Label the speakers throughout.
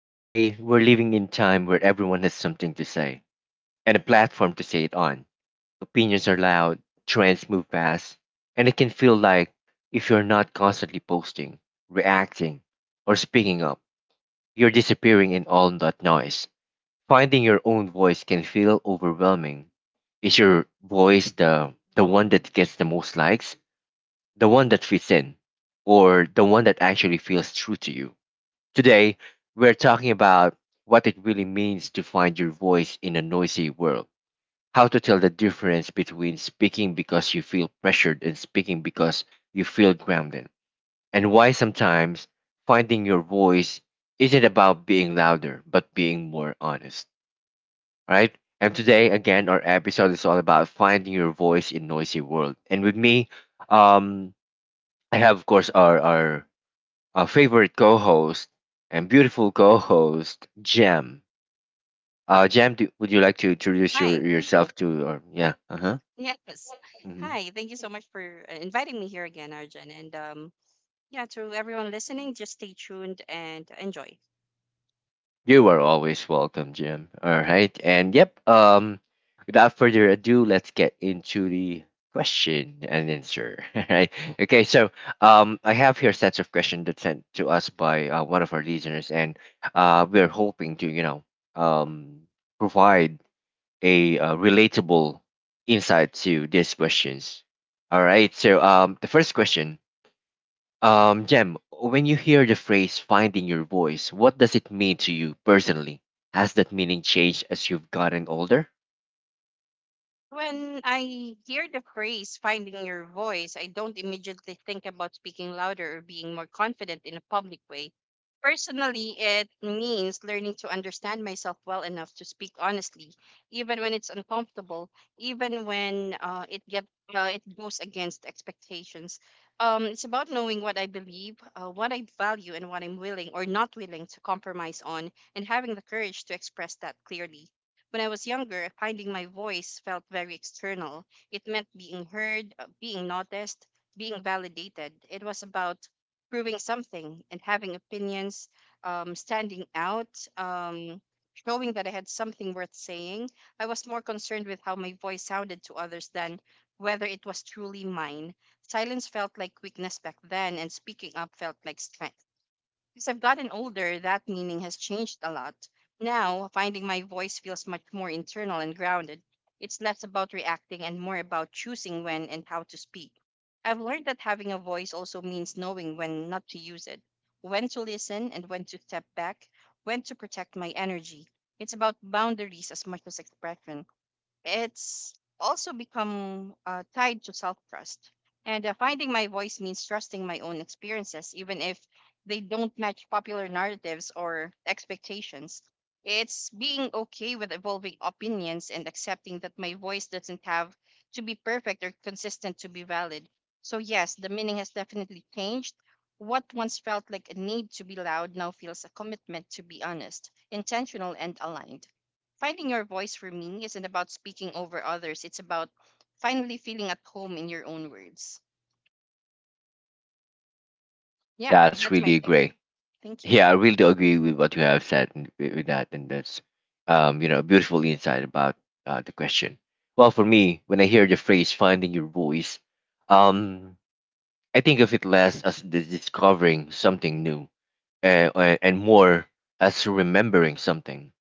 Speaker 1: Today, we're living in time where everyone has something to say and a platform to say it on. Opinions are loud, trends move fast, and it can feel like if you're not constantly posting, reacting, or speaking up, you're disappearing in all that noise. Finding your own voice can feel overwhelming. Is your voice the one that gets the most likes, the one that fits in, or the one that actually feels true to you? Today, we're talking about what it really means to find your voice in a noisy world, how to tell the difference between speaking because you feel pressured and speaking because you feel grounded, and why sometimes finding your voice isn't about being louder, but being more honest, all right? And today, again, our episode is all about finding your voice in noisy world. And with me, um, I have, of course, our favorite co-host and beautiful co-host Jam. Jam, would you like to introduce
Speaker 2: Hi.
Speaker 1: yourself to? Or, yeah. Uh huh.
Speaker 2: Yes.
Speaker 1: Hmm.
Speaker 2: Hi. Thank you so much for inviting me here again, Arjun. And yeah, to everyone listening, just stay tuned and enjoy.
Speaker 1: You are always welcome, Jam. All right. And yep. Without further ado, let's get into the question and answer. All right. Okay. So, I have here sets of questions that sent to us by one of our listeners, and we're hoping to um provide a relatable insight to these questions. All right. So, the first question, Jem, when you hear the phrase "finding your voice," what does it mean to you personally? Has that meaning changed as you've gotten older?
Speaker 2: When I hear the phrase finding your voice, I don't immediately think about speaking louder or being more confident in a public way. Personally, it means learning to understand myself well enough to speak honestly, even when it's uncomfortable, even when it goes against expectations. It's about knowing what I believe, what I value, and what I'm willing or not willing to compromise on, and having the courage to express that clearly. When I was younger, finding my voice felt very external. It meant being heard, being noticed, being validated. It was about proving something and having opinions, standing out, um, showing that I had something worth saying. I was more concerned with how my voice sounded to others than whether it was truly mine. Silence felt like weakness back then, and speaking up felt like strength. As I've gotten older, that meaning has changed a lot. Now, finding my voice feels much more internal and grounded. It's less about reacting and more about choosing when and how to speak. I've learned that having a voice also means knowing when not to use it, when to listen and when to step back, when to protect my energy. It's about boundaries as much as expression. It's also become tied to self trust. And finding my voice means trusting my own experiences, even if they don't match popular narratives or expectations. It's being okay with evolving opinions and accepting that my voice doesn't have to be perfect or consistent to be valid. So, yes, the meaning has definitely changed. What once felt like a need to be loud now feels a commitment to be honest, intentional, and aligned. Finding your voice for me isn't about speaking over others, it's about finally feeling at home in your own words. Yeah,
Speaker 1: That's
Speaker 2: that's my
Speaker 1: really
Speaker 2: take.
Speaker 1: great.
Speaker 2: Thank you.
Speaker 1: Yeah, I really do agree with what you have said and with that, and you know, a beautiful insight about the question. Well, for me, when I hear the phrase "finding your voice," um, I think of it less as the discovering something new and, and more as remembering something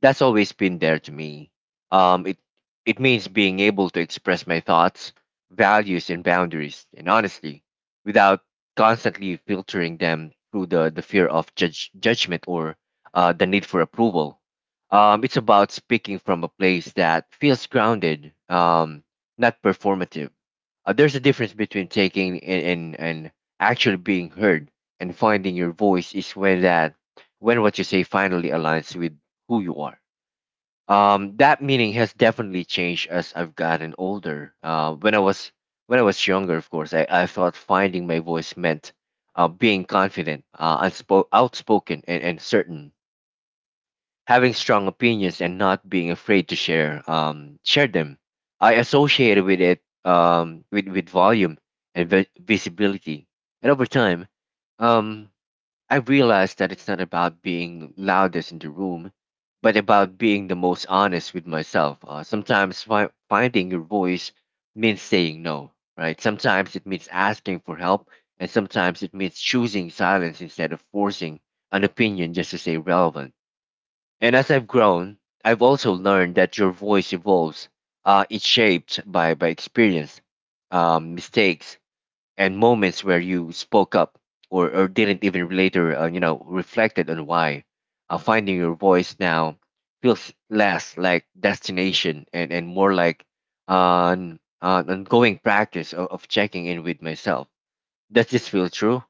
Speaker 1: that's always been there to me. It it means being able to express my thoughts, values, and boundaries, and honestly, without constantly filtering them through the fear of judgment or the need for approval. It's about speaking from a place that feels grounded, not performative. There's a difference between taking and actually being heard, and finding your voice is when that when what you say finally aligns with who you are. That meaning has definitely changed as I've gotten older. When I was younger, of course, I thought finding my voice meant being confident, outspoken, and certain, having strong opinions, and not being afraid to share share them. I associated with it with volume and visibility, and over time, um, I realized that it's not about being loudest in the room, but about being the most honest with myself. Sometimes finding your voice means saying no, right? Sometimes it means asking for help, and sometimes it means choosing silence instead of forcing an opinion just to stay relevant. And as I've grown, I've also learned that your voice evolves. It's shaped by experience, mistakes, and moments where you spoke up or didn't even later, reflected on why. Finding your voice now feels less like destination and more like an ongoing practice of checking in with myself. Does this feel true?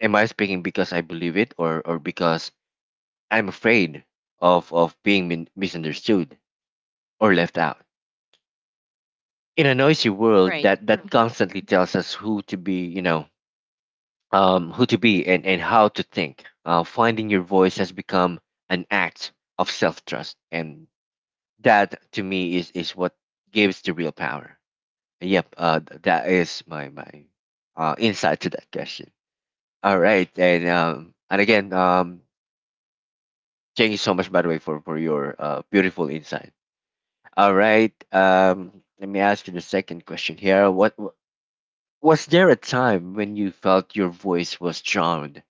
Speaker 1: Am I speaking because I believe it or because I'm afraid of being misunderstood or left out? In a noisy world
Speaker 2: Right.
Speaker 1: that
Speaker 2: Mhm.
Speaker 1: constantly tells us who to be, you know, who to be and how to think. Finding your voice has become an act of self trust, and that to me is what gives the real power. Yep, that is my insight to that question. All right, and again, thank you so much by the way for your beautiful insight. All right, let me ask you the second question here. What, was there a time when you felt your voice was drowned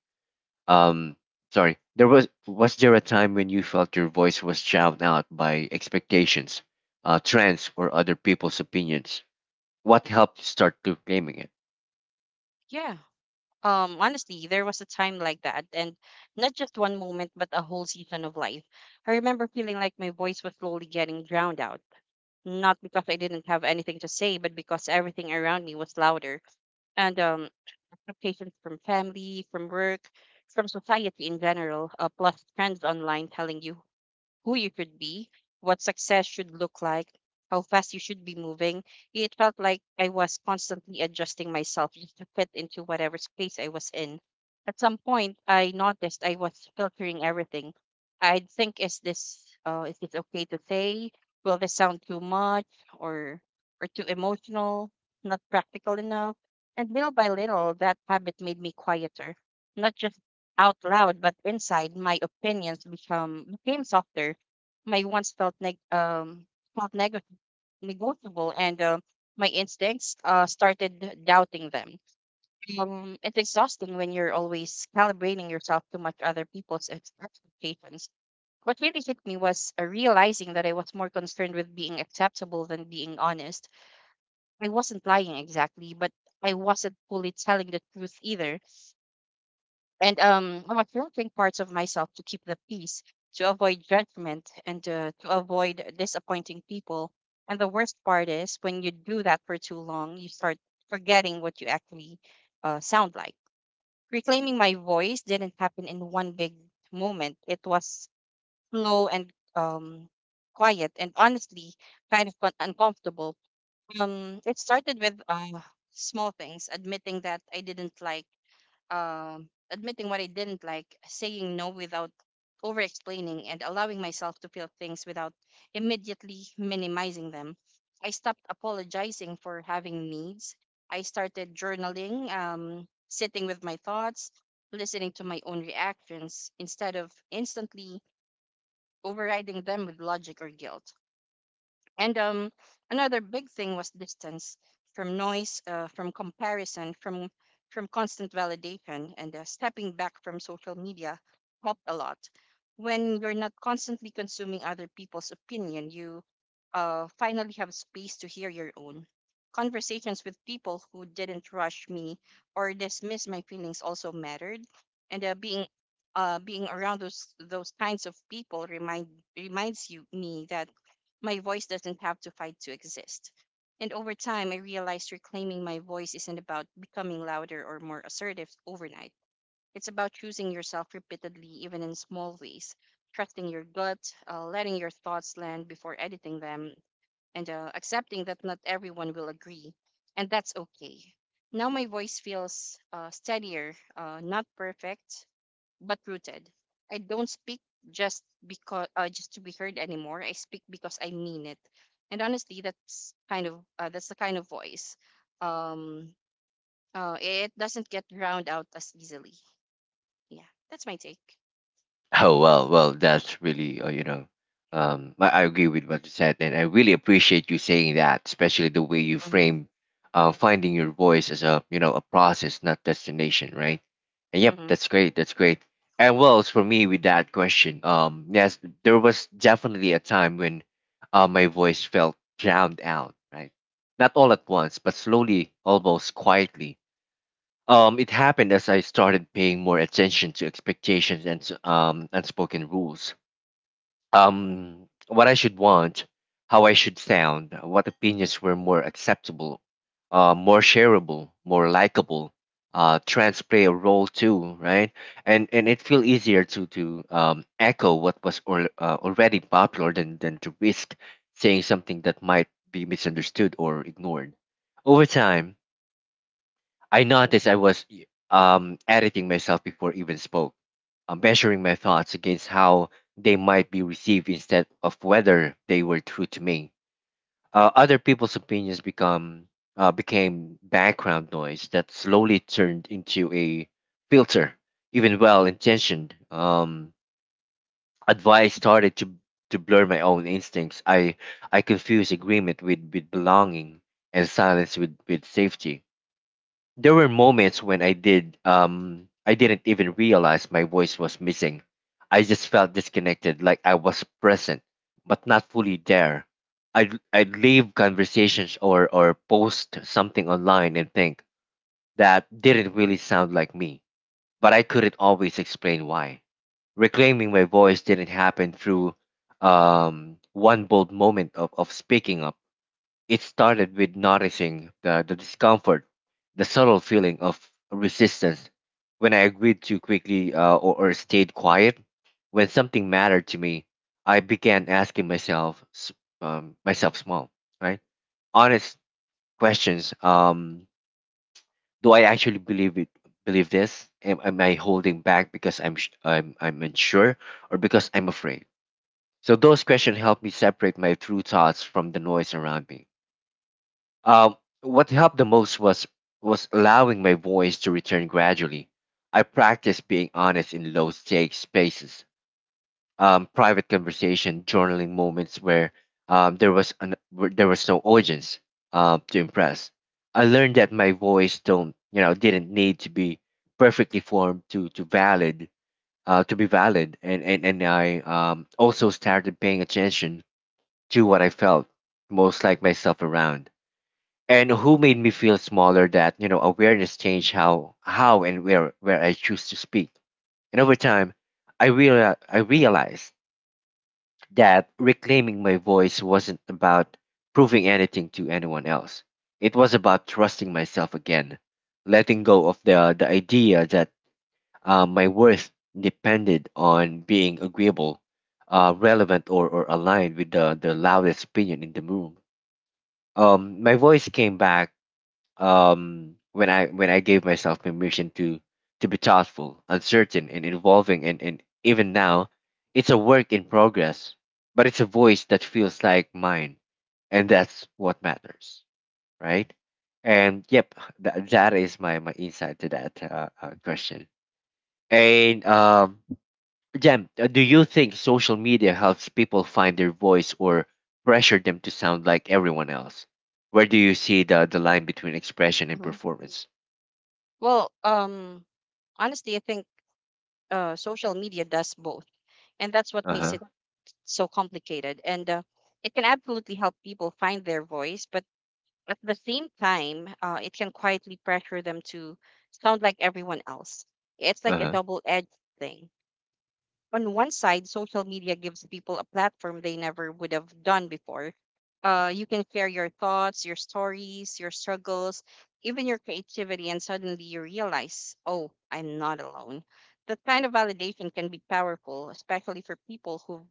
Speaker 1: Um, sorry. There was there a time when you felt your voice was drowned out by expectations, trends, or other people's opinions? What helped you start reclaiming it?
Speaker 2: Yeah. Honestly, there was a time like that, and not just one moment, but a whole season of life. I remember feeling like my voice was slowly getting drowned out, not because I didn't have anything to say, but because everything around me was louder, and expectations from family, from work, from society in general, plus friends online telling you who you should be, what success should look like, how fast you should be moving. It felt like I was constantly adjusting myself just to fit into whatever space I was in. At some point, I noticed I was filtering everything. I'd think, is this okay to say? Will this sound too much or too emotional? Not practical enough? And little by little, that habit made me quieter, not just out loud, but inside, my opinions become became softer, my wants felt negotiable, and my instincts started doubting them. It's exhausting when you're always calibrating yourself to much other people's expectations. What really hit me was realizing that I was more concerned with being acceptable than being honest. I wasn't lying exactly, but I wasn't fully telling the truth either, and I'm affirming parts of myself to keep the peace, to avoid judgment, and to avoid disappointing people. And the worst part is when you do that for too long, you start forgetting what you actually sound like. Reclaiming my voice didn't happen in one big moment. It was slow and um, quiet, and honestly, kind of uncomfortable. It started with small things, admitting what I didn't like, saying no without over explaining, and allowing myself to feel things without immediately minimizing them. I stopped apologizing for having needs. I started journaling, sitting with my thoughts, listening to my own reactions instead of instantly overriding them with logic or guilt. And Another big thing was distance from noise, from comparison, from constant validation, and stepping back from social media helped a lot. When you're not constantly consuming other people's opinion, you finally have space to hear your own. Conversations with people who didn't rush me or dismiss my feelings also mattered, and being around those kinds of people reminds you me that my voice doesn't have to fight to exist. And over time, I realized reclaiming my voice isn't about becoming louder or more assertive overnight. It's about choosing yourself repeatedly, even in small ways, trusting your gut, letting your thoughts land before editing them, and accepting that not everyone will agree, and that's okay. Now my voice feels steadier, not perfect, but rooted. I don't speak just to be heard anymore. I speak because I mean it, and honestly, that's the kind of voice. Um, it doesn't get drowned out as easily. Yeah, that's my take.
Speaker 1: Oh well, well, that's really I agree with what you said, and I really appreciate you saying that, especially the way you
Speaker 2: Mm-hmm,
Speaker 1: frame, finding your voice as a a process, not destination, right? And yep,
Speaker 2: mm-hmm,
Speaker 1: that's great, that's great. And well, as for me with that question, yes, there was definitely a time when, my voice felt drowned out, right? Not all at once, but slowly, almost quietly. It happened as I started paying more attention to expectations and unspoken rules. What I should want, how I should sound, what opinions were more acceptable, more shareable, more likable. Trends play a role too, right? And it feel easier to echo what was or already popular than to risk saying something that might be misunderstood or ignored. Over time, I noticed I was editing myself before even spoke, measuring my thoughts against how they might be received instead of whether they were true to me. Other people's opinions become became background noise that slowly turned into a filter. Even well-intentioned advice started to blur my own instincts. I confused agreement with belonging and silence with safety. There were moments when I didn't even realize my voice was missing. I just felt disconnected, like I was present but not fully there. I'd leave conversations or post something online and think that didn't really sound like me, but I couldn't always explain why. Reclaiming my voice didn't happen through one bold moment of speaking up. It started with noticing the discomfort, the subtle feeling of resistance when I agreed too quickly or stayed quiet. When something mattered to me, I began asking myself small, right? Honest questions. Do I actually believe it? Believe this? Am I holding back because I'm unsure or because I'm afraid? So those questions help me separate my true thoughts from the noise around me. Um, what helped the most was allowing my voice to return gradually. I practiced being honest in low stakes spaces, private conversation, journaling moments where where there was no audience to impress. I learned that my voice don't you know didn't need to be perfectly formed to be valid, and I also started paying attention to what I felt most like myself around and who made me feel smaller. That you know awareness changed how and where I choose to speak. And over time, I realized that reclaiming my voice wasn't about proving anything to anyone else. It was about trusting myself again, letting go of the idea that my worth depended on being agreeable, relevant, or aligned with the loudest opinion in the room. My voice came back when I gave myself permission to be thoughtful, uncertain, and evolving, and even now, it's a work in progress, but it's a voice that feels like mine, and that's what matters, right? And yep, that is my insight to that question. And Jem, do you think social media helps people find their voice or pressure them to sound like everyone else? Where do you see the line between expression and
Speaker 2: mm-hmm.
Speaker 1: performance?
Speaker 2: Well, honestly, I think social media does both, and that's what makes
Speaker 1: Uh-huh.
Speaker 2: it so complicated, and it can absolutely help people find their voice, but at the same time it can quietly pressure them to sound like everyone else. It's like a
Speaker 1: Uh-huh.
Speaker 2: double-edged thing. On one side, social media gives people a platform they never would have done before. Uh, you can share your thoughts, your stories, your struggles, even your creativity, and suddenly you realize, oh, I'm not alone. That kind of validation can be powerful, especially for people who've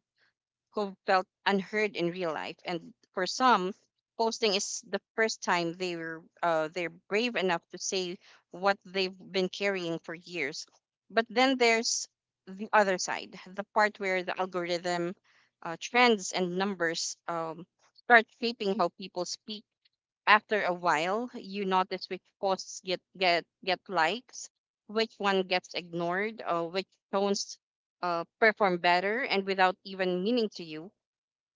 Speaker 2: who felt unheard in real life. And for some, posting is the first time they're brave enough to say what they've been carrying for years. But then there's the other side, the part where the algorithm, trends, and numbers start shaping how people speak. After a while, you notice which posts get likes, which one gets ignored, or which tones perform better, and without even meaning to you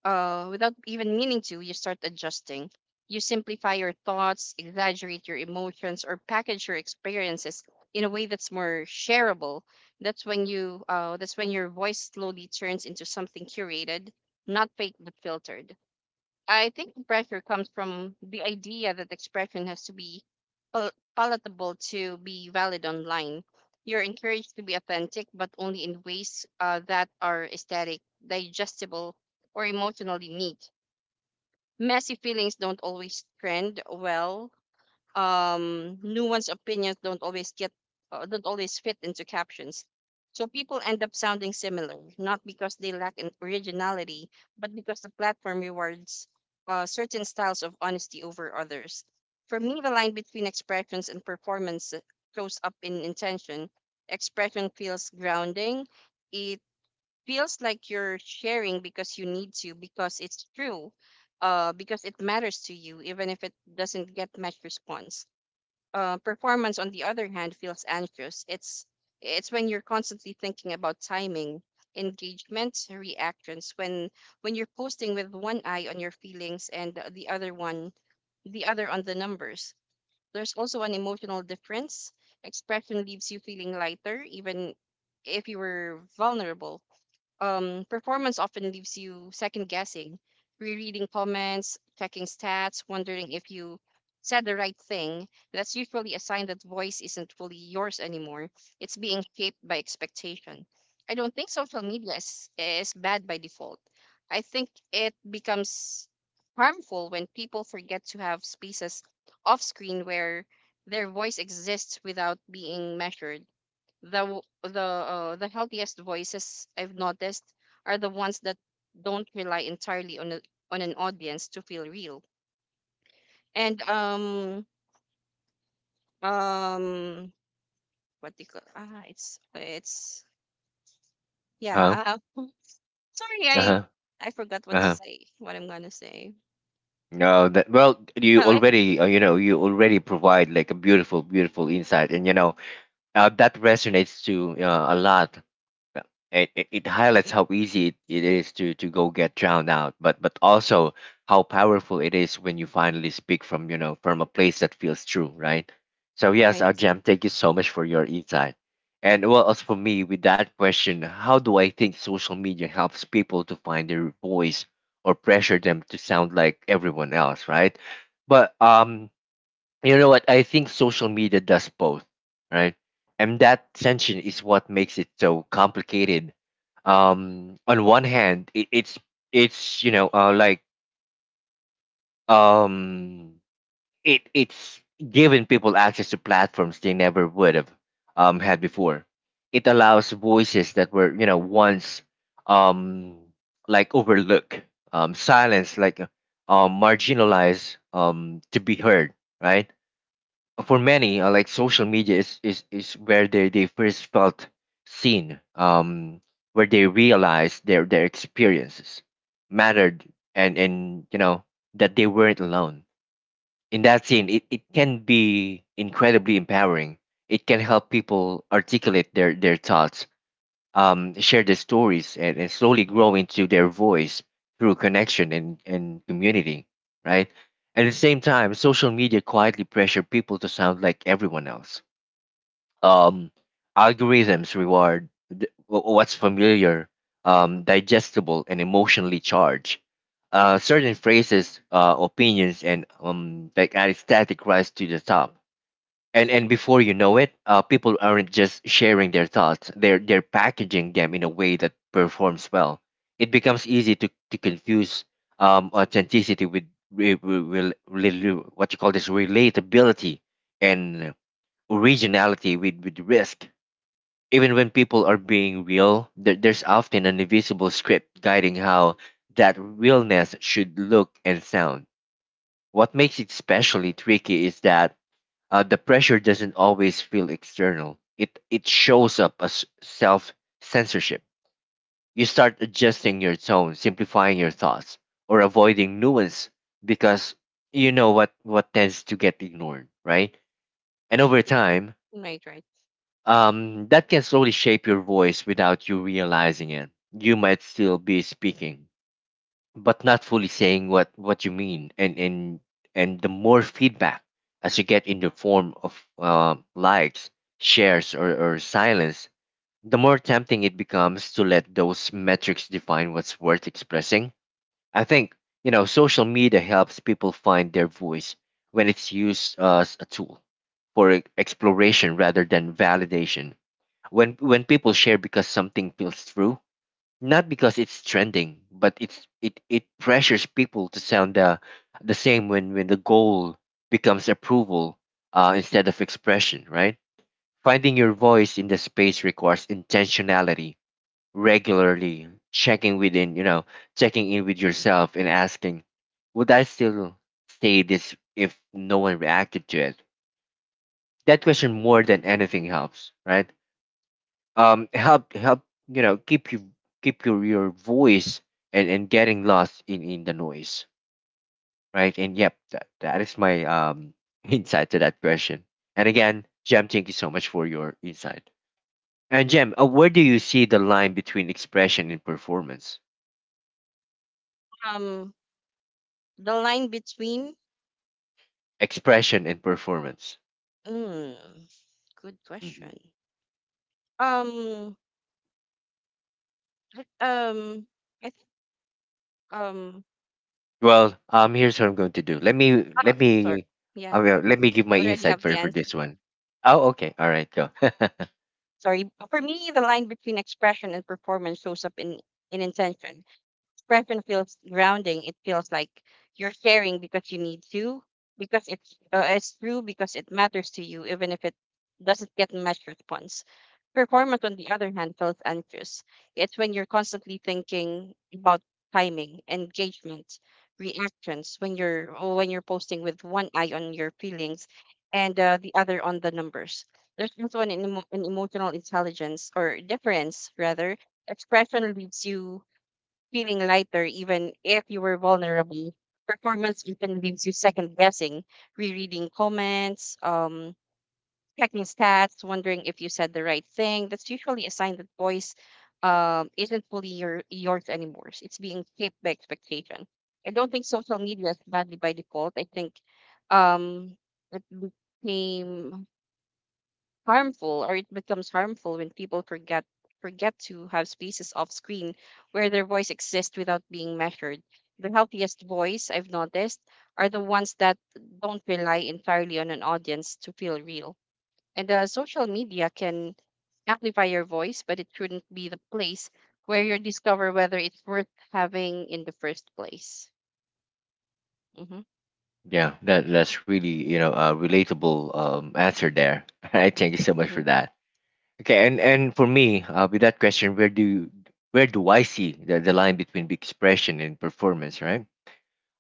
Speaker 2: without even meaning to, you start adjusting. You simplify your thoughts, exaggerate your emotions, or package your experiences in a way that's more shareable. That's when you, that's when your voice slowly turns into something curated, not fake but filtered. I think the pressure comes from the idea that expression has to be pal- palatable to be valid online. You're encouraged to be authentic, but only in ways that are aesthetic, digestible, or emotionally neat. Messy feelings don't always trend well, nuanced opinions don't always fit into captions. So people end up sounding similar, not because they lack in originality, but because the platform rewards certain styles of honesty over others. For me, the line between expressions and performance shows up in intention. Expression feels grounding. It feels like you're sharing because you need to, because it's true, because it matters to you, even if it doesn't get much response. Uh, performance, on the other hand, feels anxious. It's when you're constantly thinking about timing, engagement, reactions. When you're posting with one eye on your feelings and the other on the numbers. There's also an emotional difference. Expression leaves you feeling lighter, even if you were vulnerable. Um, performance often leaves you second guessing, rereading comments, checking stats, wondering if you said the right thing. That's usually a sign that voice isn't fully yours anymore. It's being shaped by expectation. I don't think social media is bad by default. I think it becomes harmful when people forget to have spaces off screen where their voice exists without being measured. The w- the healthiest voices I've noticed are the ones that don't rely entirely on on an audience to feel real. And um what do you call ah it's
Speaker 1: Huh?
Speaker 2: yeah uh, sorry
Speaker 1: Uh-huh.
Speaker 2: I I forgot what to
Speaker 1: Uh-huh.
Speaker 2: say, what I'm gonna say. Um,
Speaker 1: No, that well, you
Speaker 2: I-
Speaker 1: already you already provide like a beautiful, beautiful insight, and you know that resonates to a lot. Well, it highlights how easy it is to go get drowned out, but also how powerful it is when you finally speak from from a place that feels true, right? So yes,
Speaker 2: right
Speaker 1: Jam, thank you so much for your insight. And well, as for me, with that question, how do I think social media helps people to find their voice or pressure them to sound like everyone else, right? But what I think social media does both, right? And that tension is what makes it so complicated. On one hand, it, it's you know like um it it's giving people access to platforms they never would have had before. It allows voices that were once um like overlooked, silenced, marginalized, to be heard, right? For many, like, social media is where they first felt seen. Where they realized their experiences mattered, and that they weren't alone. In that scene, it can be incredibly empowering. It can help people articulate their thoughts, share their stories, and slowly grow into their voice through connection and community, right? At the same time, social media quietly pressure people to sound like everyone else. Um, Algorithms reward what's familiar, digestible, and emotionally charged. Certain phrases, opinions, and like aesthetic rise to the top. And before you know it, people aren't just sharing their thoughts, they're packaging them in a way that performs well. It becomes easy to confuse authenticity with what you call this, relatability, and originality with risk. Even when people are being real, there's often an invisible script guiding how that realness should look and sound. What makes it especially tricky is that the pressure doesn't always feel external. It shows up as self censorship. You start adjusting your tone, simplifying your thoughts, or avoiding nuance because what tends to get ignored, right? And over time,
Speaker 2: right right
Speaker 1: that can slowly shape your voice without you realizing it. You might still be speaking, but not fully saying what you mean. And the more feedback as you get in the form of likes, shares, or silence, the more tempting it becomes to let those metrics define what's worth expressing. I think social media helps people find their voice when it's used as a tool for exploration rather than validation. When people share because something feels true, not because it's trending. But it's, it pressures people to sound the same when the goal becomes approval, instead of expression, right? Finding your voice in the space requires intentionality, regularly checking within, you know, checking in with yourself and asking, would I still say this if no one reacted to it? That question more than anything helps, right? Help help Keep you, keep your voice and getting lost in the noise, right? And yep, that is my insight to that question. And again, Jem, thank you so much for your insight. And Jem, where do you see the line between expression and performance?
Speaker 2: um the line between
Speaker 1: Expression and performance.
Speaker 2: mm, Good
Speaker 1: Hmm.
Speaker 2: question. Um I- um I think um
Speaker 1: Well, here's what I'm going to do.
Speaker 2: Uh,
Speaker 1: Let
Speaker 2: sorry.
Speaker 1: me,
Speaker 2: Yeah,
Speaker 1: I will, let me give
Speaker 2: I
Speaker 1: my
Speaker 2: already
Speaker 1: insight
Speaker 2: have the
Speaker 1: for this
Speaker 2: answer.
Speaker 1: one. Oh, okay, all right, go.
Speaker 2: Sorry. For me, the line between expression and performance shows up in intention. Expression feels grounding. It feels like you're sharing because you need to, because it's true, because it matters to you, even if it doesn't get much response. Performance, on the other hand, feels anxious. It's when you're constantly thinking about timing, engagement, reactions. When you're posting with one eye on your feelings, and the other on the numbers. There's also an an emotional intelligence or difference rather. Expression leaves you feeling lighter, even if you were vulnerable. Performance often leaves you second guessing, rereading comments, checking stats, wondering if you said the right thing. That's usually a sign that voice isn't fully yours anymore. It's being shaped by expectation. I don't think social media is badly by default. I think um, it became harmful or it becomes harmful when people forget to have spaces off screen where their voice exists without being measured. The healthiest voice I've noticed are the ones that don't rely entirely on an audience to feel real. And social media can amplify your voice, but it shouldn't be the place where you discover whether it's worth having in the first place. Mm-hmm,
Speaker 1: Yeah, that that's really, a relatable answer there. I thank you so much
Speaker 2: mm-hmm,
Speaker 1: for that. Okay, and for me, with that question, where do you— where do I see the, line between expression and performance, right?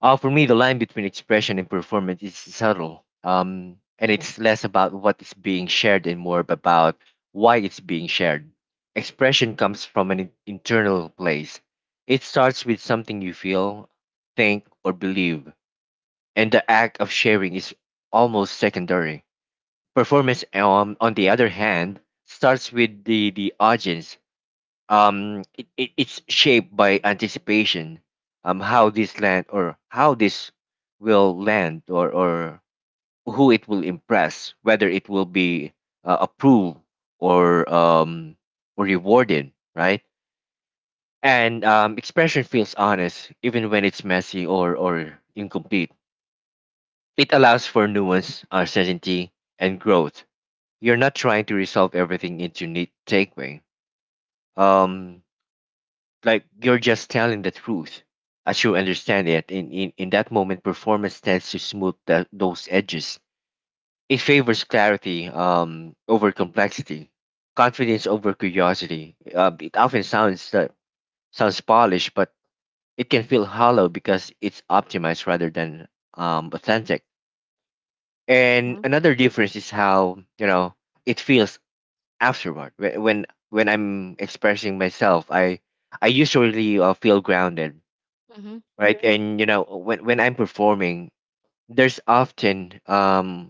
Speaker 1: For me, the line between expression and performance is subtle. And it's less about what is being shared and more about why it's being shared. Expression comes from an internal place. It starts with something you feel, think, or believe, and the act of sharing is almost secondary. Performance, on the other hand, starts with the, audience. It's shaped by anticipation, how this land or how this will land, or who it will impress, whether it will be approved or um, or rewarded, right? And expression feels honest even when it's messy or, incomplete. It allows for nuance, uncertainty, and growth. You're not trying to resolve everything into neat takeaway. Um, like, you're just telling the truth as you understand it. In that moment, performance tends to smooth that, those edges. It favors clarity over complexity, confidence over curiosity. It often sounds polished, but it can feel hollow because it's optimized rather than authentic. And another difference is how it feels afterward. When when I'm expressing myself, I usually feel grounded,
Speaker 2: mm-hmm, mm-hmm,
Speaker 1: right? And when I'm performing, there's often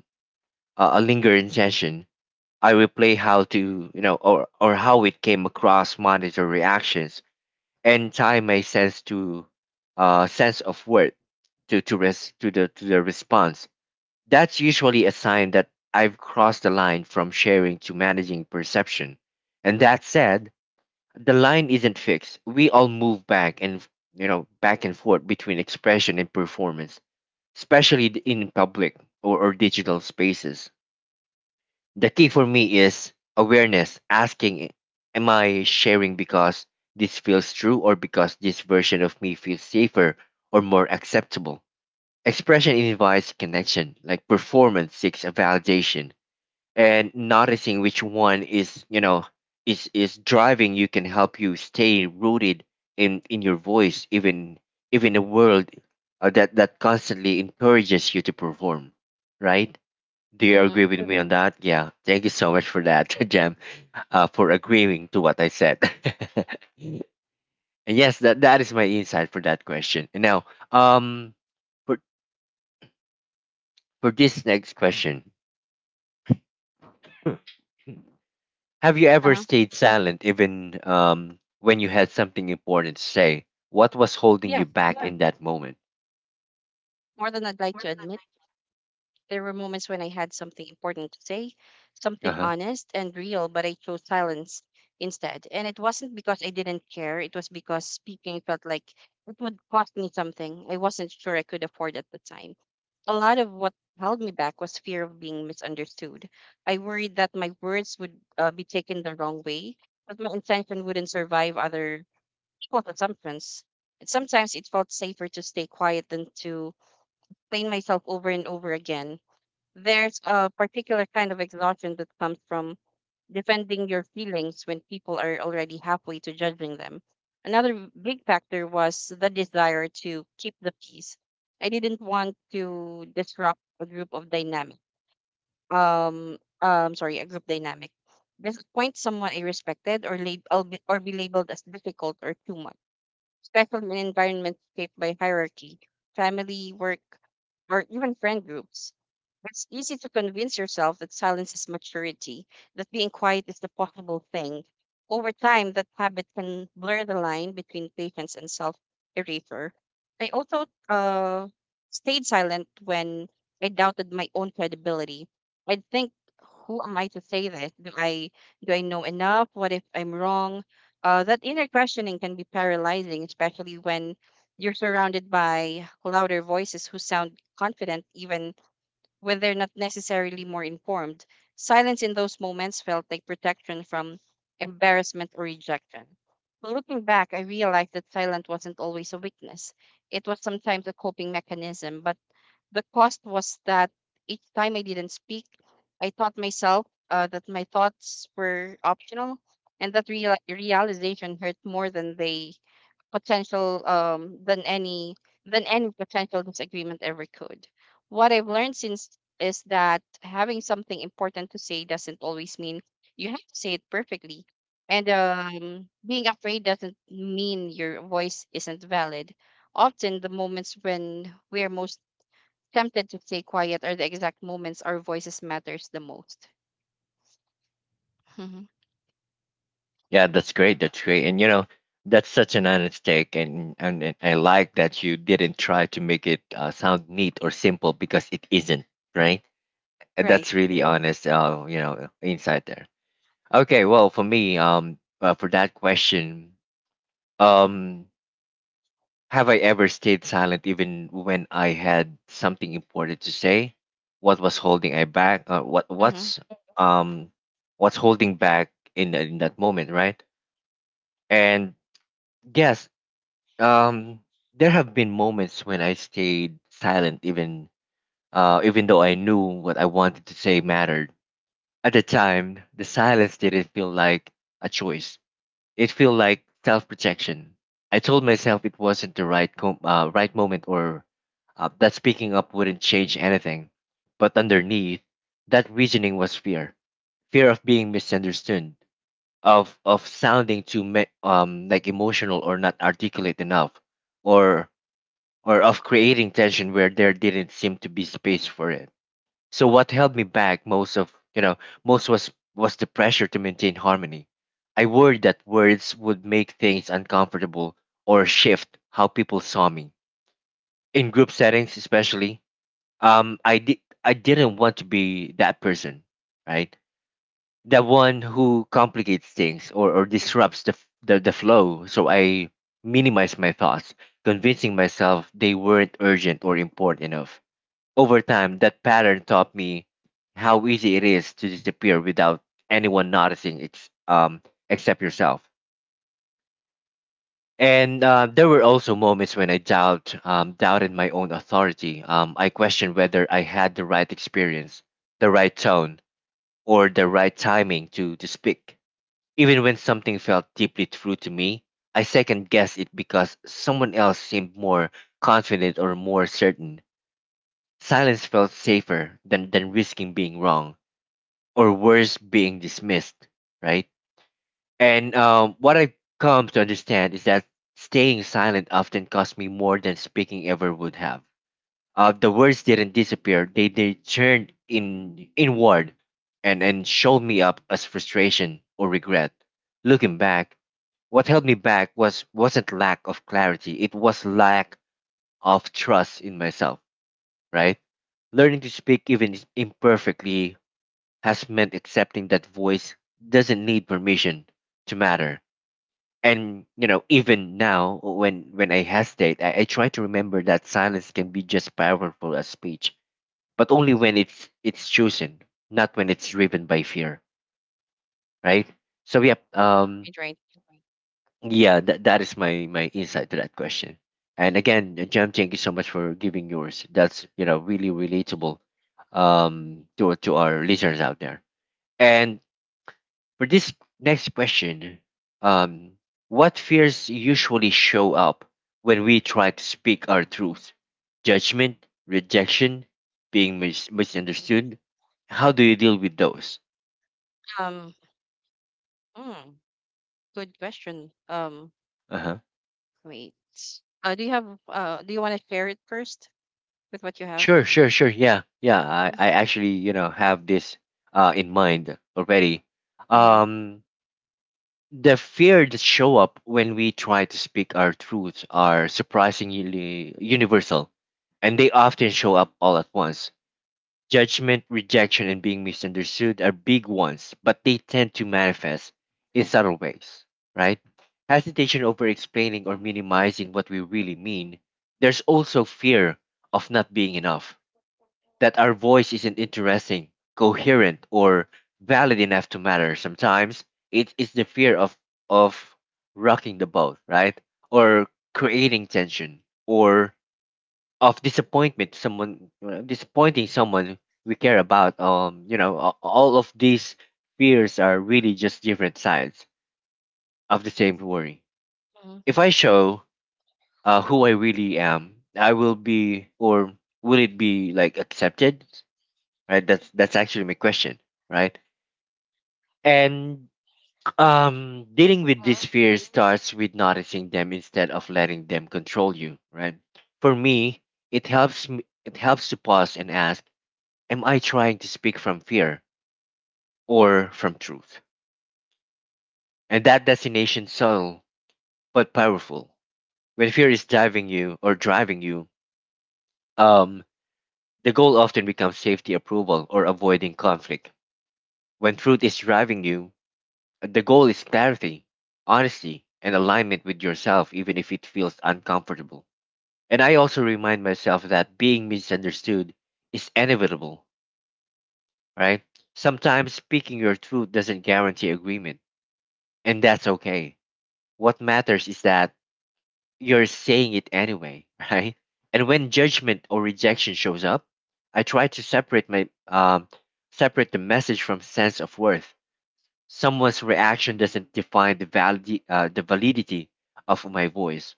Speaker 1: a, lingering tension. I replay how to, or how it came across, monitor reactions, and tie my sense to sense of word to res to the response. That's usually a sign that I've crossed the line from sharing to managing perception. And that said, the line isn't fixed. We all move back and, back and forth between expression and performance, especially in public or, digital spaces. The key for me is awareness, asking, am I sharing because this feels true, or because this version of me feels safer or more acceptable? Expression invites connection, like performance seeks a validation. And noticing which one is, is driving you can help you stay rooted in your voice, even a world that constantly encourages you to perform, right? Do you
Speaker 2: mm-hmm.
Speaker 1: agree with me on— Mhm. That, yeah, thank you so much for that. Jam, for agreeing to what I said. And yes, that is my insight for that question. And now, um for this next question, have you ever
Speaker 2: Uh-huh.
Speaker 1: stayed silent even when you had something important to say? What was holding you
Speaker 2: Yeah,
Speaker 1: back in that moment?
Speaker 2: more than I'd like to admit. There were moments when I had something important to say,
Speaker 1: Uh
Speaker 2: something
Speaker 1: huh.
Speaker 2: honest and real, but I chose silence instead. And it wasn't because I didn't care, it was because speaking felt like it would cost me something I wasn't sure I could afford at the time. A lot of what held me back was fear of being misunderstood. I worried that my words would be taken the wrong way, that my intention wouldn't survive other people's assumptions. Sometimes it felt safer to stay quiet than to explain myself over and over again. There's a particular kind of exhaustion that comes from defending your feelings when people are already halfway to judging them. Another big factor was the desire to keep the peace. I didn't want to disrupt a group of dynamic. Sorry, a group dynamic. Disappoint someone I respected, or be labeled as difficult or too much, especially in environments shaped by hierarchy, family, work, or even friend groups. It's easy to convince yourself that silence is maturity, that being quiet is the possible thing. Over time, that habit can blur the line between patience and self erasure. I also stayed silent when I doubted my own credibility. I'd think, who am I to say this? Do I know enough? What if I'm wrong? That inner questioning can be paralyzing, especially when you're surrounded by louder voices who sound confident, even when they're not necessarily more informed. Silence in those moments felt like protection from embarrassment or rejection. But looking back, I realized that silence wasn't always a weakness. It was sometimes a coping mechanism, but the cost was that each time I didn't speak, I taught myself that my thoughts were optional, and that realization hurt more than the potential than any potential disagreement ever could. What I've learned since is that having something important to say doesn't always mean you have to say it perfectly. And being afraid doesn't mean your voice isn't valid. Often, the moments when we're most tempted to stay quiet are the exact moments our voices matters the most. Mhm.
Speaker 1: Yeah, that's great. That's great. And you know, that's such an honest take, and and I like that you didn't try to make it sound neat or simple because it isn't, right? And
Speaker 2: Right.
Speaker 1: that's really honest. You know, insight there. Okay. Well, for me, for that question, um, have I ever stayed silent even when I had something important to say? What was holding I back?
Speaker 2: Mm-hmm.
Speaker 1: Um what's holding back in that moment, right? And yes, um there have been moments when I stayed silent, even even though I knew what I wanted to say mattered. At the time, the silence didn't feel like a choice. It felt like self protection. I told myself it wasn't the right right moment, or that speaking up wouldn't change anything. But underneath, that reasoning was fear. Fear of being misunderstood, of, sounding too like, emotional or not articulate enough, or, of creating tension where there didn't seem to be space for it. So what held me back most of, most was the pressure to maintain harmony. I worried that words would make things uncomfortable or shift how people saw me in group settings, especially. Um, I did I didn't want to be that person, right? The one who complicates things or, disrupts the, the flow. So I minimized my thoughts, convincing myself they weren't urgent or important enough. Over time, that pattern taught me how easy it is to disappear without anyone noticing except yourself. And there were also moments when I doubted my own authority. I questioned whether I had the right experience, the right tone, or the right timing to, speak. Even when something felt deeply true to me, I second guessed it because someone else seemed more confident or more certain. Silence felt safer than, risking being wrong, or worse, being dismissed, right? And what I've come to understand is that staying silent often cost me more than speaking ever would have. The words didn't disappear, they turned in inward and showed me up as frustration or regret. Looking back, what held me back wasn't lack of clarity, it was lack of trust in myself, right? Learning to speak, even imperfectly, has meant accepting that voice doesn't need permission to matter. And you know, even now, when I hesitate, I try to remember that silence can be just powerful as speech, but only when it's chosen, not when it's driven by fear, right? So yeah,
Speaker 2: Right. Right.
Speaker 1: yeah, that is my insight to that question. And again, Jam, thank you so much for giving yours. That's, you know, really relatable to our listeners out there. And for this next question, um, what fears usually show up when we try to speak our truth? Judgment, rejection, being misunderstood. How do you deal with those?
Speaker 2: Um. mm, Good question.
Speaker 1: Uh huh.
Speaker 2: Wait. Do you have? Do you want to share it first with what you have?
Speaker 1: Sure, sure, sure. Yeah, yeah.
Speaker 2: Mm-hmm.
Speaker 1: I actually, you know, have this in mind already.
Speaker 2: Mm-hmm.
Speaker 1: Um, the fear that show up when we try to speak our truth are surprisingly universal, and they often show up all at once. Judgment, rejection, and being misunderstood are big ones, but they tend to manifest in subtle ways, right? Hesitation over explaining or minimizing what we really mean. There's also fear of not being enough, that our voice isn't interesting, coherent, or valid enough to matter. Sometimes it is the fear of rocking the boat, right? Or creating tension, or of disappointment to someone disappointing someone we care about. All of these fears are really just different sides of the same worry.
Speaker 2: Mm-hmm.
Speaker 1: If I show who I really am, I will be, or will it be, like, accepted? Right? That's actually my question, right? And dealing with these fears starts with noticing them instead of letting them control you, right? For me, it helps to pause and ask, am I trying to speak from fear or from truth? And that destination subtle but powerful. When fear is driving you, um, the goal often becomes safety, approval, or avoiding conflict. When truth is driving you, the goal is clarity, honesty, and alignment with yourself, even if it feels uncomfortable. And I also remind myself that being misunderstood is inevitable, right? Sometimes speaking your truth doesn't guarantee agreement, and that's okay. What matters is that you're saying it anyway, right? And when judgment or rejection shows up, I try to separate my separate the message from sense of worth. Someone's reaction doesn't define the valid the validity of my voice.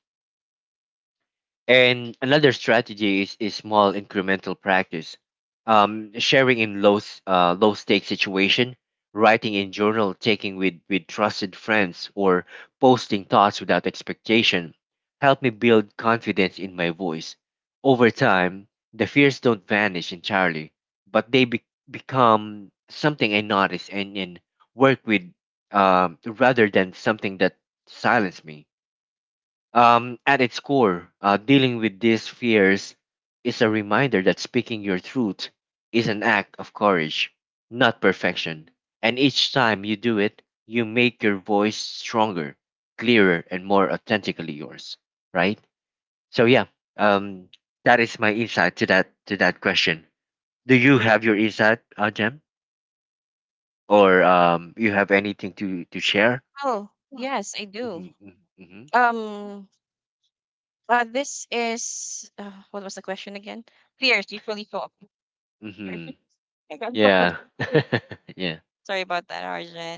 Speaker 1: And another strategy is small incremental practice. Sharing in low stake situation, writing in journal, taking with trusted friends, or posting thoughts without expectation, help me build confidence in my voice. Over time, the fears don't vanish entirely, but become something I notice and work with, rather than something that silences me. At its core, dealing with these fears is a reminder that speaking your truth is an act of courage, not perfection. And each time you do it, you make your voice stronger, clearer, and more authentically yours. Right? So yeah, um, that is my insight to that question. Do you have your insight, Jem, or you have anything to share?
Speaker 2: Oh yes, I
Speaker 1: Mm-hmm,
Speaker 2: do.
Speaker 1: mm-hmm, mm-hmm.
Speaker 2: Um. This is, what was the question again? Fears usually show up.
Speaker 1: Mm-hmm.
Speaker 2: I got lost.
Speaker 1: Yeah, yeah.
Speaker 2: Sorry about that,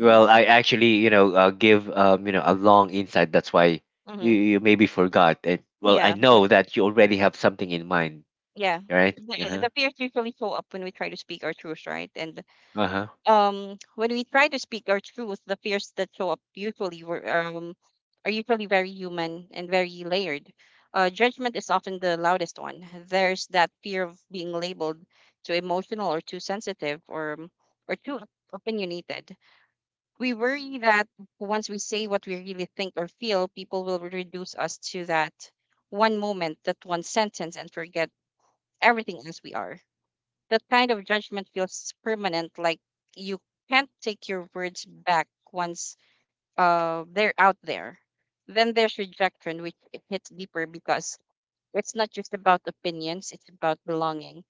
Speaker 1: Well, I actually, you know, give you know, a long insight. That's why you,
Speaker 2: Mm-hmm.
Speaker 1: you maybe forgot it. Well, I
Speaker 2: Yeah, but
Speaker 1: know that you already have something in mind,
Speaker 2: yeah.
Speaker 1: right?
Speaker 2: The, eh,
Speaker 1: Uh-huh.
Speaker 2: the fears usually show up when we try to speak our truth, right? And
Speaker 1: Uh-huh.
Speaker 2: um, when we try to speak our truth, the fears that show up are usually very human and very layered. Judgment is often the loudest one. There's that fear of being labeled too emotional or too sensitive or too opinionated. We worry that once we say what we really think or feel, people will reduce us to that one moment, that one sentence, and forget everything else we are. That kind of judgment feels permanent, like you can't take your words back once they're out there. Then there's rejection, which it hits deeper because it's not just about opinions, it's about belonging.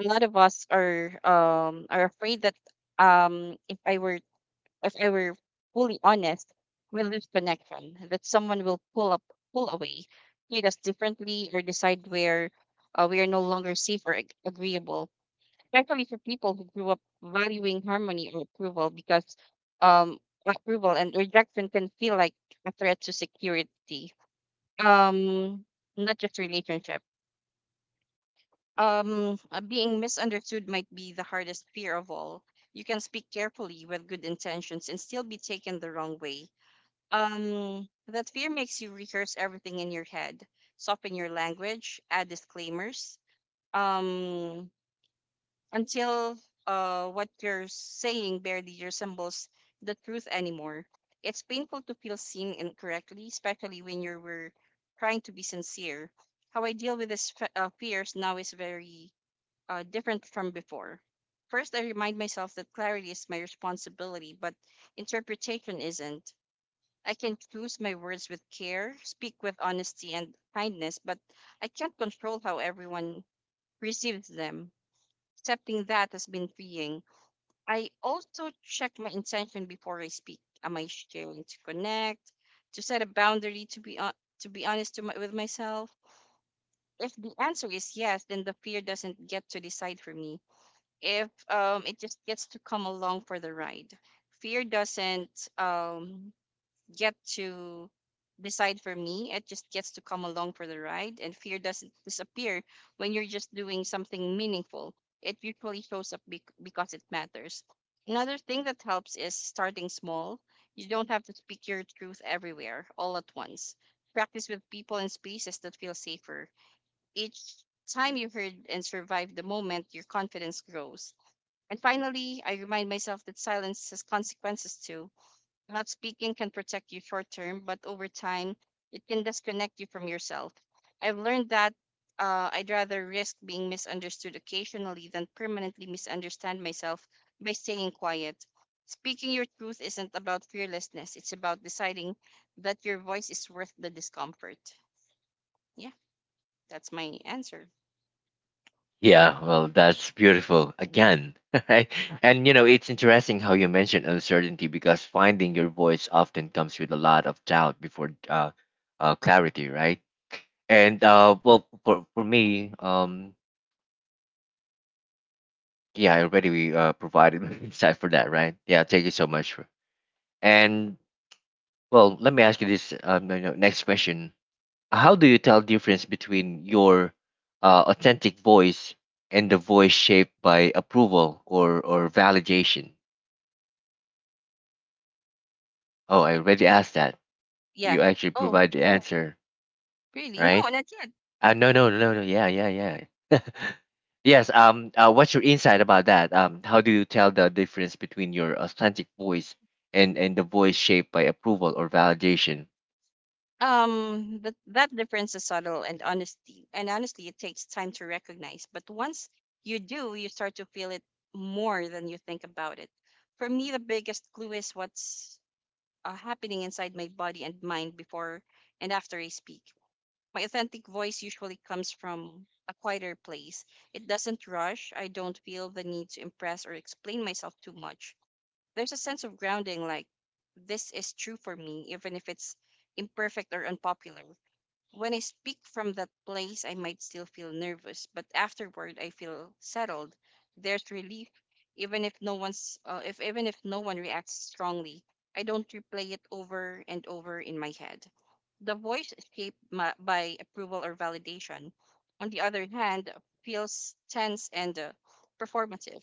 Speaker 2: A lot of us are afraid that, um, if I were if I were fully honest, we lose connection, that someone will pull away, treat us differently, or decide where we are no longer safe or agreeable, especially for people who grew up valuing harmony or approval, because um approval and rejection can feel like a threat to security, um not just relationship. Being misunderstood might be the hardest fear of all. You can speak carefully with good intentions and still be taken the wrong way. That fear makes you rehearse everything in your head, soften your language, add disclaimers, um until what you're saying barely resembles the truth anymore. It's painful to feel seen incorrectly, especially when you were trying to be sincere. How I deal with this fe- fears now is very different from before. First, I remind myself that clarity is my responsibility, but interpretation isn't. I can choose my words with care, speak with honesty and kindness, but I can't control how everyone receives them. Accepting that has been freeing. I also check my intention before I speak. Am I sharing to connect, to set a boundary, to be honest to my, with myself? If the answer is yes, then the fear doesn't get to decide for me. If it just gets to come along for the ride, fear doesn't um, get to decide for me. It just gets to come along for the ride, and fear doesn't disappear when you're just doing something meaningful. It usually shows up because it matters. Another thing that helps is starting small. You don't have to speak your truth everywhere all at once. Practice with people and spaces that feel safer. Each time you heard and survived the moment, your confidence grows. And finally, I remind myself that silence has consequences too. Not speaking can protect you short term, but over time, it can disconnect you from yourself. I've learned that I'd rather risk being misunderstood occasionally than permanently misunderstand myself by staying quiet. Speaking your truth isn't about fearlessness, it's about deciding that your voice is worth the discomfort. Yeah, that's my answer.
Speaker 1: Yeah, well, that's beautiful again. Right? And you know, it's interesting how you mentioned uncertainty because finding your voice often comes with a lot of doubt before clarity, right? And well, for me, yeah, I already provided insight for that, right? Yeah, thank you so much. For, and well, let me ask you this, you know, next question. How do you tell difference between your authentic voice and the voice shaped by approval or validation? Oh, I already asked that.
Speaker 2: Yeah.
Speaker 1: You actually
Speaker 2: Oh,
Speaker 1: provide the answer,
Speaker 2: really? No,
Speaker 1: right?
Speaker 2: not yet.
Speaker 1: No, no, no, no. Yeah, yeah, yeah. Yes. What's your insight about that? How do you tell the difference between your authentic voice and the voice shaped by approval or validation?
Speaker 2: But that difference is subtle and honesty, and honestly, it takes time to recognize. But once you do, you start to feel it more than you think about it. For me, the biggest clue is what's happening inside my body and mind before and after I speak. My authentic voice usually comes from a quieter place. It doesn't rush. I don't feel the need to impress or explain myself too much. There's a sense of grounding, like this is true for me even if it's imperfect or unpopular. When I speak from that place, I might still feel nervous, but afterward I feel settled. There's relief, even if no one reacts strongly. I don't replay it over and over in my head. The voice shaped my, by approval or validation, on the other hand, feels tense and performative.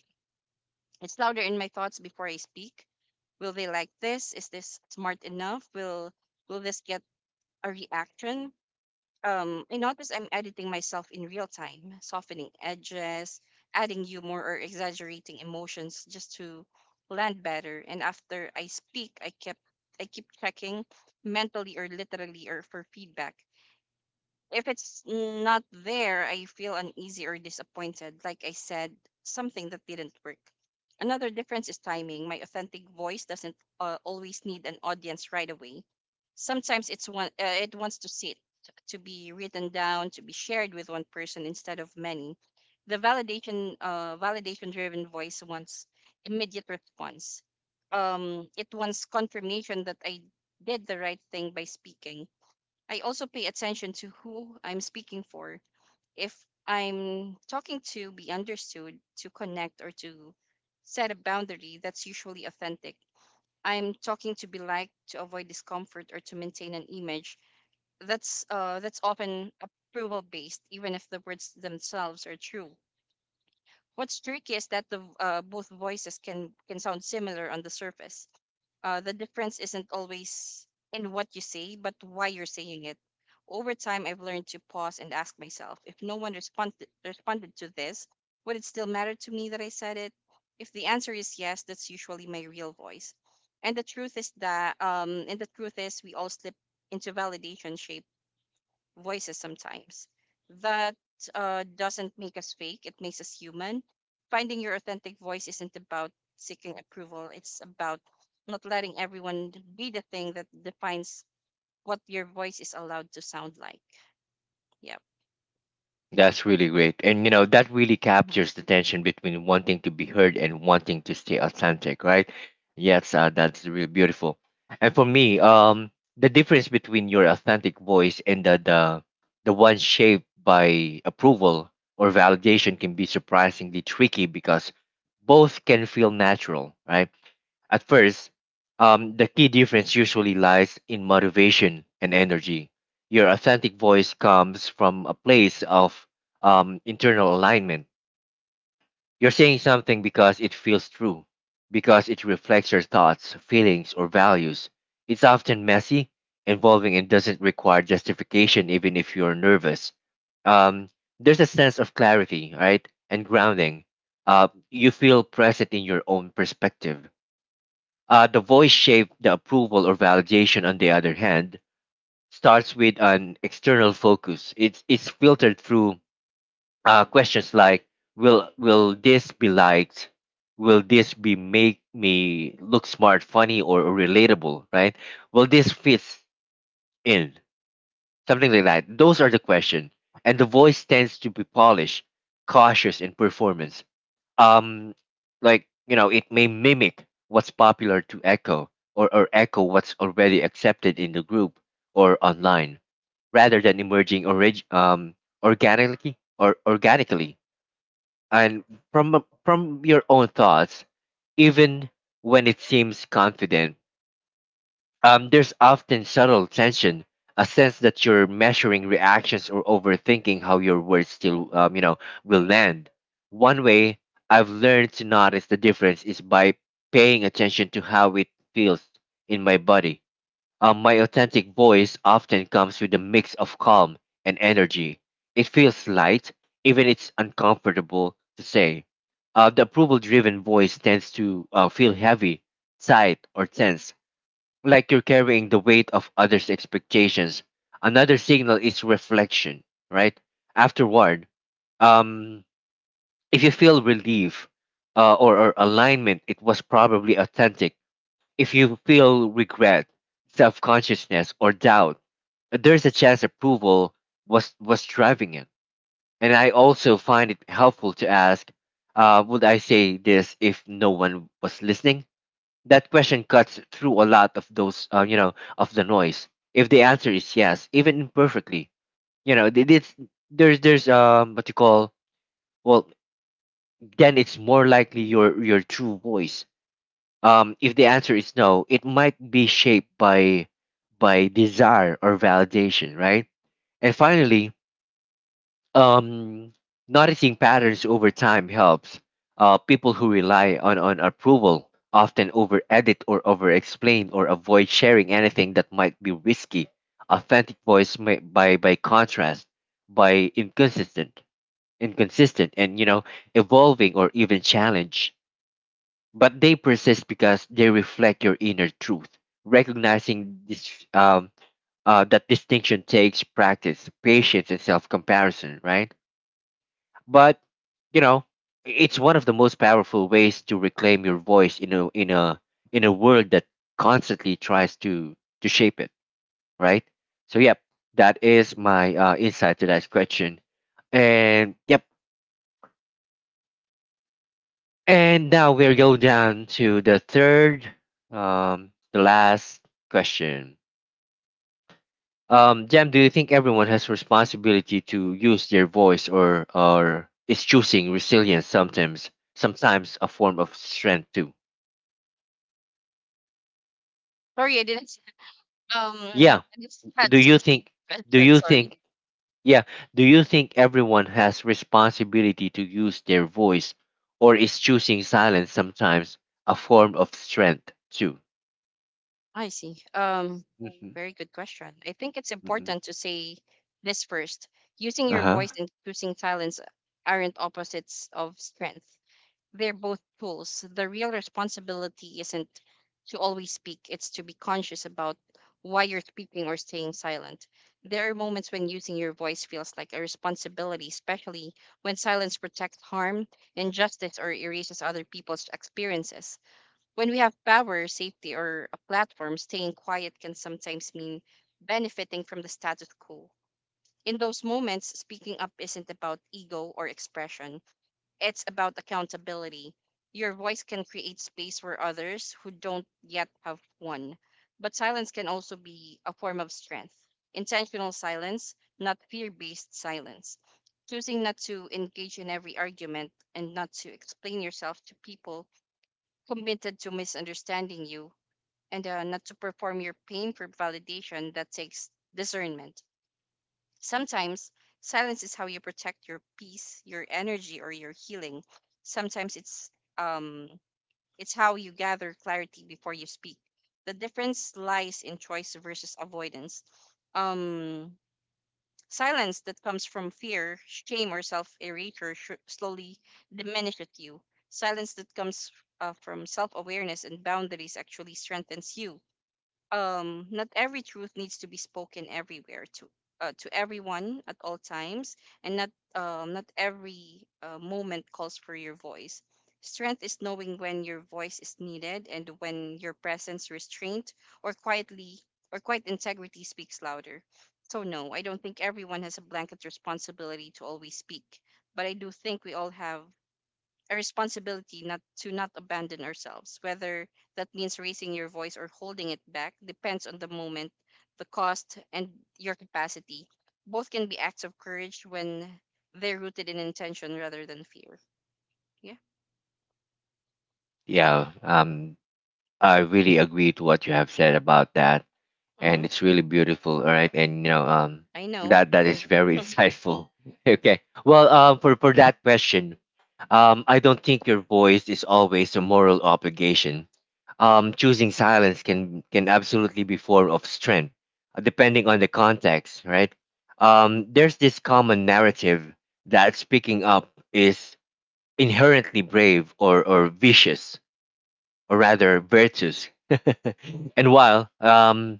Speaker 2: It's louder in my thoughts before I speak. Will they like this? Is this smart enough? Will this get a reaction? I notice I'm editing myself in real time, softening edges, adding humor or exaggerating emotions just to land better. And after I speak, I keep checking, mentally or literally or for feedback. If it's not there, I feel uneasy or disappointed. Like I said, something that didn't work. Another difference is timing. My authentic voice doesn't always need an audience right away. Sometimes it wants to sit, to be written down, to be shared with one person instead of many. The validation-driven voice wants immediate response. It wants confirmation that I did the right thing by speaking. I also pay attention to who I'm speaking for. If I'm talking to be understood, to connect, or to set a boundary, that's usually authentic. I'm talking to be liked, to avoid discomfort, or to maintain an image. That's often approval based, even if the words themselves are true. What's tricky is that the both voices can sound similar on the surface. The difference isn't always in what you say, but why you're saying it. Over time, I've learned to pause and ask myself, if no one responded to this, would it still matter to me that I said it? If the answer is yes, that's usually my real voice. And the truth is that, and the truth is, we all slip into validation shaped voices sometimes. That doesn't make us fake, it makes us human. Finding your authentic voice isn't about seeking approval, it's about not letting everyone be the thing that defines what your voice is allowed to sound like. Yeah.
Speaker 1: That's really great. And you know, that really
Speaker 2: Mhm.
Speaker 1: captures the tension between wanting to be heard and wanting to stay authentic, right? Yes, that's really beautiful. And for me, the difference between your authentic voice and the one shaped by approval or validation can be surprisingly tricky because both can feel natural, right? At first, the key difference usually lies in motivation and energy. Your authentic voice comes from a place of internal alignment. You're saying something because it feels true, because it reflects your thoughts, feelings, or values. It's often messy, involving, and doesn't require justification, even if you're nervous. Um, there's a sense of clarity, right? And grounding. You feel present in your own perspective. The voice shaped the approval or validation, on the other hand, starts with an external focus. It's filtered through questions like, will this be liked? Will this be make me look smart, funny, or relatable, right? Will this fit in? Something like that. Those are the question. And the voice tends to be polished, cautious, and performance, um like, you know, it may mimic what's popular to echo, or echo what's already accepted in the group or online, rather than organically or organically and from your own thoughts, even when it seems confident. There's often subtle tension, a sense that you're measuring reactions or overthinking how your words still, you know, will land. One way I've learned to notice the difference is by paying attention to how it feels in my body. My authentic voice often comes with a mix of calm and energy. It feels light, even it's uncomfortable to say. The approval-driven voice tends to feel heavy, tight, or tense, like you're carrying the weight of others' expectations. Another signal is reflection, right? Afterward, um, if you feel relief or alignment, it was probably authentic. If you feel regret, self consciousness, or doubt, there's a chance approval was driving it. And I also find it helpful to ask, would I say this if no one was listening? That question cuts through a lot of those, you know, of the noise. If the answer is yes, even imperfectly, you know, th- this there's what you call, well, then it's more likely your true voice. If the answer is no, it might be shaped by desire or validation, right? And finally, um, noticing patterns over time helps. People who rely on approval often over edit or over explain or avoid sharing anything that might be risky. Authentic voice may, by contrast, by inconsistent, inconsistent, and you know, evolving or even challenge. But they persist because they reflect your inner truth. Recognizing this that distinction takes practice, patience, and self comparison. Right, but you know, it's one of the most powerful ways to reclaim your voice in a in a world that constantly tries to shape it, right? So yep, that is my insight to that question. And yep, and now we'll go down to the third, the last question. Jam, do you think everyone has responsibility to use their voice, or is choosing resilience sometimes a form of strength too?
Speaker 2: Sorry, I didn't.
Speaker 1: Yeah.
Speaker 2: I just
Speaker 1: Do
Speaker 2: catch
Speaker 1: you
Speaker 2: the
Speaker 1: think do
Speaker 2: question.
Speaker 1: you
Speaker 2: Sorry.
Speaker 1: think yeah, do you think everyone has responsibility to use their voice or is choosing silence sometimes a form of strength too?
Speaker 2: I see.
Speaker 1: Hmm.
Speaker 2: Very good question. I think it's
Speaker 1: Hmm.
Speaker 2: important to say this first. Using your
Speaker 1: Uh-huh.
Speaker 2: voice and choosing silence aren't opposites of strength. They're both tools. The real responsibility isn't to always speak, it's to be conscious about why you're speaking or staying silent. There are moments when using your voice feels like a responsibility, especially when silence protects harm, injustice, or erases other people's experiences. When we have power, safety, or a platform, staying quiet can sometimes mean benefiting from the status quo. In those moments, speaking up isn't about ego or expression, it's about accountability. Your voice can create space for others who don't yet have one. But silence can also be a form of strength. Intentional silence, not fear based silence. Choosing not to engage in every argument and not to explain yourself to people committed to misunderstanding you, and not to perform your pain for validation, that takes discernment. Sometimes silence is how you protect your peace, your energy, or your healing. Sometimes um it's how you gather clarity before you speak. The difference lies in choice versus avoidance. Um Silence that comes from fear, shame, or self-erasure slowly diminishes you. Silence that comes from self-awareness and boundaries actually strengthens you. Not every truth needs to be spoken everywhere, to everyone at all times, and not every moment calls for your voice. Strength is knowing when your voice is needed and when your presence, restraint, or quietly or quiet integrity speaks louder. So no, I don't think everyone has a blanket responsibility to always speak, but I do think we all have a responsibility not abandon ourselves. Whether that means raising your voice or holding it back depends on the moment, the cost, and your capacity. Both can be acts of courage when they're rooted in intention rather than fear. Yeah.
Speaker 1: Yeah, I really agree to what you have said about that.
Speaker 2: Mm-hmm.
Speaker 1: And it's really beautiful. All right, and you know,
Speaker 2: I know.
Speaker 1: that that is very insightful. Okay, well, for that question, I don't think your voice is always a moral obligation. Choosing silence can absolutely be form of strength, depending on the context, right? There's this common narrative that speaking up is inherently brave or vicious, or rather virtuous. And while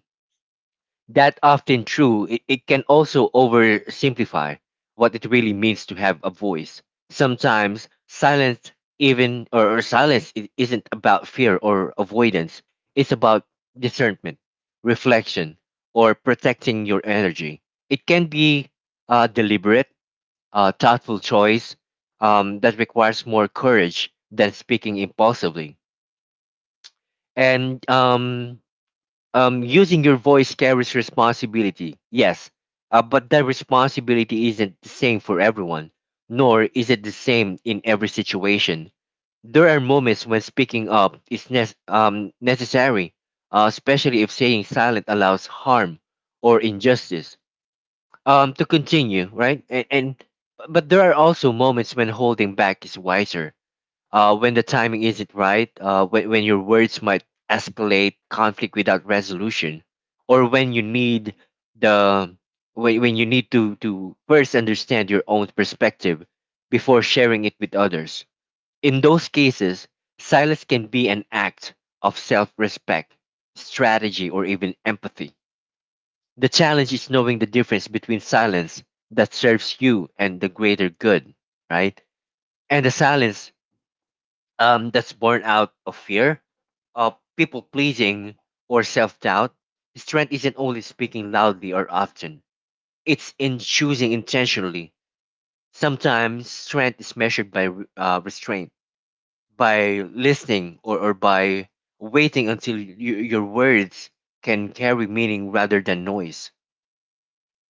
Speaker 1: that often true, it can also oversimplify what it really means to have a voice. Sometimes silence, even, or isn't about fear or avoidance. It's about discernment, reflection, or protecting your energy. It can be a deliberate, thoughtful choice that requires more courage than speaking impulsively. And Using your voice carries responsibility, yes, but that responsibility isn't the same for everyone, nor is it the same in every situation. There are moments when speaking up is necessary, especially if staying silent allows harm or injustice to continue, right? And But there are also moments when holding back is wiser, when the timing isn't right, when your words might escalate conflict without resolution, or when you need the when you need to first understand your own perspective before sharing it with others. In those cases, silence can be an act of self-respect, strategy, or even empathy. The challenge is knowing the difference between silence that serves you and the greater good, right? And the silence, that's born out of fear, of people pleasing, or self doubt. Strength isn't only speaking loudly or often, it's in choosing intentionally. Sometimes strength is measured by restraint, by listening, or by waiting until your words can carry meaning rather than noise.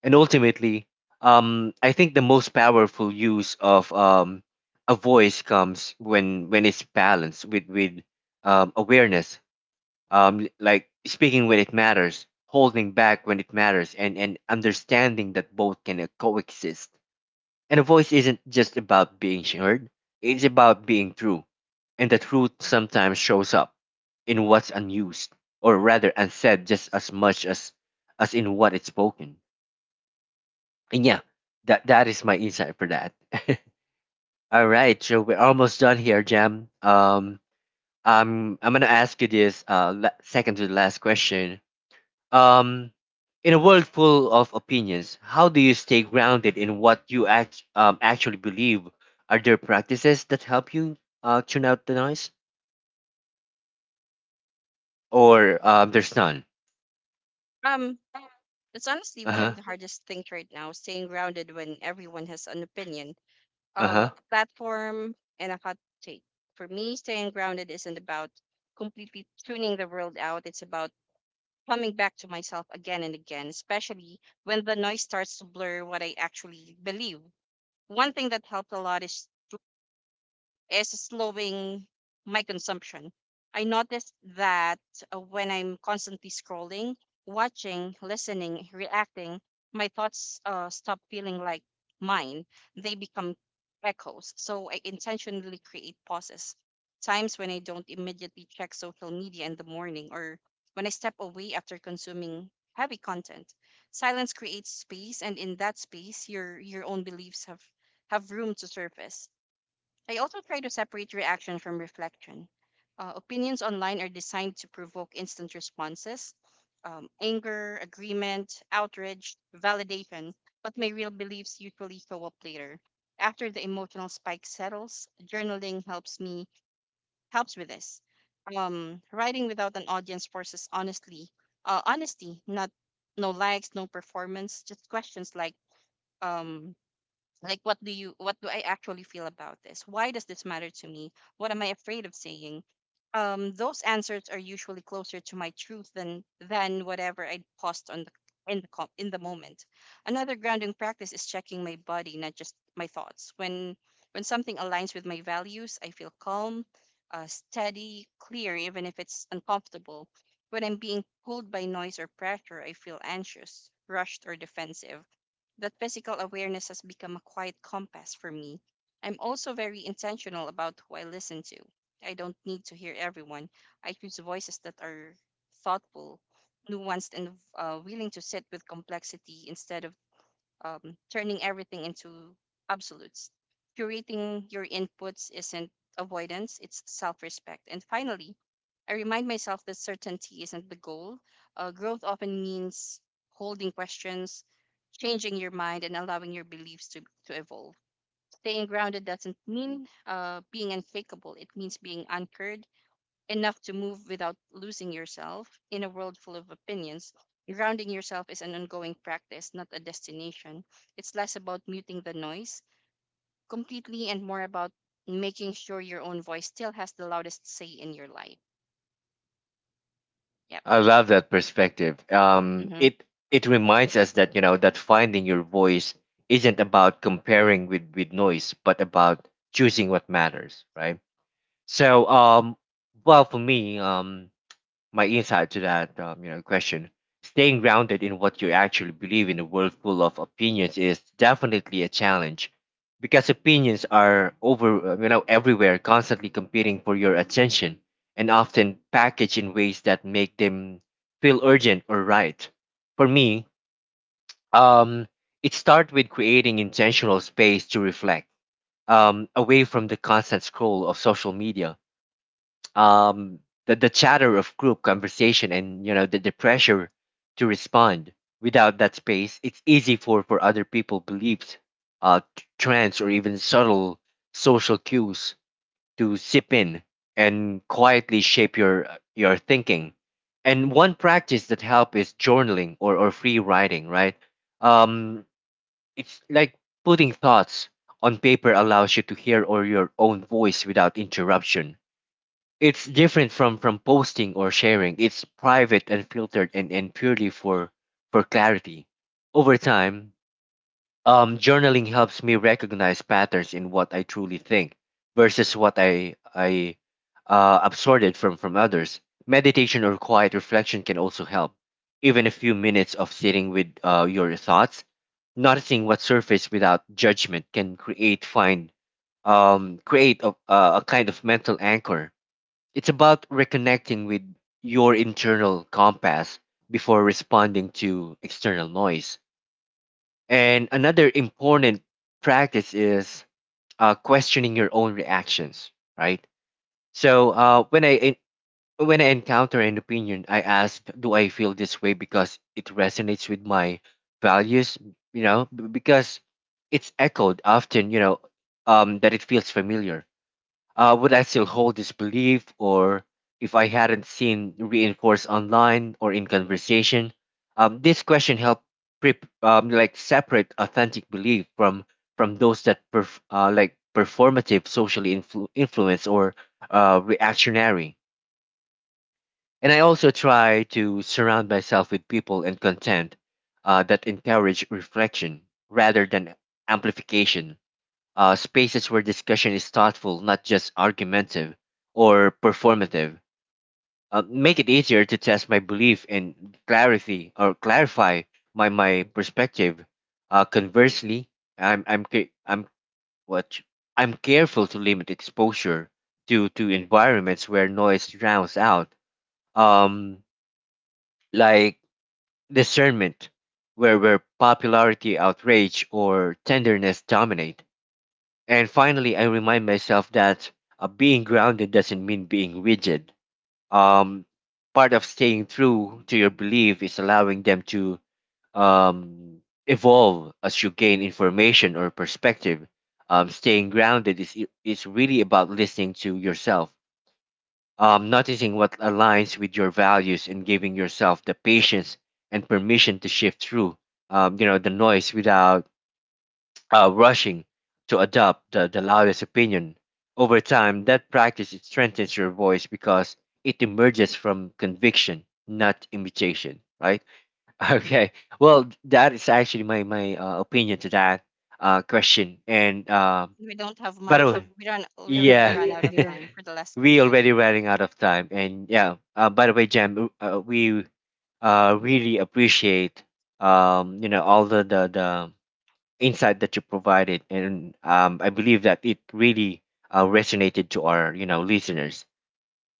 Speaker 1: And ultimately, I think the most powerful use of a voice comes when it's balanced with awareness, like speaking when it matters, holding back when it matters, and understanding that both can coexist. And a voice isn't just about being heard, it's about being true. And the truth sometimes shows up in what's unused, or rather unsaid, just as much as in what is spoken. And yeah, that is my insight for that. All right, so we're almost done here, Jam. I'm gonna ask you this second to the last question. Um, in a world full of opinions, how do you stay grounded in what you actually believe? Are there practices that help you tune out the noise, or there's none?
Speaker 2: um, it's honestly
Speaker 1: Uh
Speaker 2: one
Speaker 1: huh.
Speaker 2: of the hardest things right now, staying grounded when everyone has an opinion,
Speaker 1: Uh huh.
Speaker 2: a platform, and a hot take. For me, staying grounded isn't about completely tuning the world out. It's about coming back to myself again and again, especially when the noise starts to blur what I actually believe. One thing that helped a lot is slowing my consumption. I noticed that when I'm constantly scrolling, watching, listening, reacting, my thoughts stop feeling like mine. They become echoes. So I intentionally create pauses, times when I don't immediately check social media in the morning, or when I step away after consuming heavy content. Silence creates space, and in that space, your own beliefs have room to surface. I also try to separate reaction from reflection. Opinions online are designed to provoke instant responses, anger, agreement, outrage, validation, but my real beliefs usually show up later. After the emotional spike settles, journaling helps me, helps with this. Writing without an audience forces honesty, not no likes, no performance, just questions like, um, like, what do I actually feel about this? Why does this matter to me? What am I afraid of saying? Those answers are usually closer to my truth than whatever I post on the in the in the moment. Another grounding practice is checking my body, not just my thoughts. When something aligns with my values, I feel calm, steady, clear, even if it's uncomfortable. When I'm being pulled by noise or pressure, I feel anxious, rushed, or defensive. That physical awareness has become a quiet compass for me. I'm also very intentional about who I listen to. I don't need to hear everyone. I choose voices that are thoughtful, nuanced, and willing to sit with complexity instead of turning everything into absolutes. Curating your inputs isn't avoidance, it's self respect. And finally, I remind myself that certainty isn't the goal. Growth often means holding questions, changing your mind, and allowing your beliefs to, evolve. Staying grounded doesn't mean being unshakable, it means being anchored enough to move without losing yourself in a world full of opinions. Grounding yourself is an ongoing practice, not a destination. It's less about muting the noise completely and more about making sure your own voice still has the loudest say in your life. Yep.
Speaker 1: I love that perspective.
Speaker 2: hmm
Speaker 1: It reminds us that, you know, that finding your voice isn't about comparing with noise, but about choosing what matters, right? So, well, for me, my insight to that, you know, question. Staying grounded in what you actually believe in a world full of opinions is definitely a challenge because opinions are over you know, everywhere, constantly competing for your attention and often packaged in ways that make them feel urgent or right. For me, um it starts with creating intentional space to reflect, away from the constant scroll of social media, um, the chatter of group conversation, and you know, the pressure to respond. Without that space, it's easy for other people beliefs, trends, or even subtle social cues to sip in and quietly shape your thinking. And one practice that helps is journaling or free writing, right? um it's like putting thoughts on paper allows you to hear or your own voice without interruption. It's different from posting or sharing. It's private and filtered, and purely for clarity. Over time, journaling helps me recognize patterns in what I truly think versus what I absorbed from others. Meditation or quiet reflection can also help. Even a few minutes of sitting with your thoughts, noticing what surface without judgment, can create a kind of mental anchor. It's about reconnecting with your internal compass before responding to external noise. And another important practice is questioning your own reactions, right? So when I encounter an opinion, I ask, do I feel this way because it resonates with my values? You know, because it's echoed often. You know, that it feels familiar. Would I still hold this belief, or if I hadn't seen reinforced online or in conversation? This question helped like separate authentic belief from those that like performative, influence, or reactionary. And I also try to surround myself with people and content that encourage reflection rather than amplification, spaces where discussion is thoughtful, not just argumentative or performative. Make it easier to test my belief and clarity or clarify my perspective. Conversely, I'm ca- I'm what I'm careful to limit exposure to environments where noise drowns out. Um, like discernment, where popularity, outrage, or tenderness dominate. And finally, I remind myself that being grounded doesn't mean being rigid. Um, part of staying true to your belief is allowing them to um, evolve as you gain information or perspective. Staying grounded is really about listening to yourself, noticing what aligns with your values, and giving yourself the patience and permission to shift through. You know, the noise without rushing to adopt the loudest opinion. Over time, that practice, it strengthens your voice because it emerges from conviction, not imitation. Right? Okay. Well, that is actually my opinion to that question. And
Speaker 2: We don't have
Speaker 1: by the
Speaker 2: much.
Speaker 1: way,
Speaker 2: We run. We already
Speaker 1: yeah,
Speaker 2: ran out of time for the last
Speaker 1: we
Speaker 2: question.
Speaker 1: already running out of time. And yeah, by the way, Jam, we really appreciate, you know, all the the insight that you provided, and I believe that it really resonated to our, you know, listeners.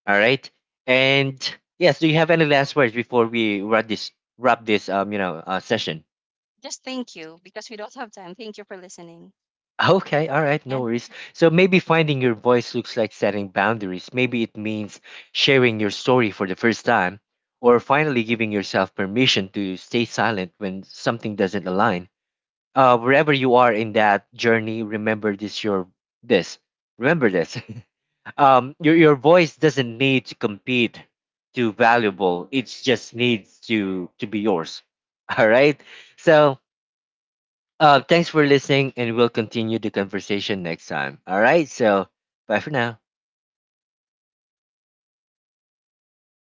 Speaker 1: All right, and yes, do you have any last words before we wrap this session?
Speaker 2: Just thank you because we don't have time. Thank you for listening.
Speaker 1: Okay, all right,
Speaker 2: Yeah.
Speaker 1: no worries. So maybe finding your voice looks like setting boundaries. Maybe it means sharing your story for the first time, or finally giving yourself permission to stay silent when something doesn't align. Wherever you are in that journey, remember this. Remember this. Your voice doesn't need to compete to valuable. It just needs to be yours. All right. So thanks for listening, and we'll continue the conversation next time. All right. So bye for now.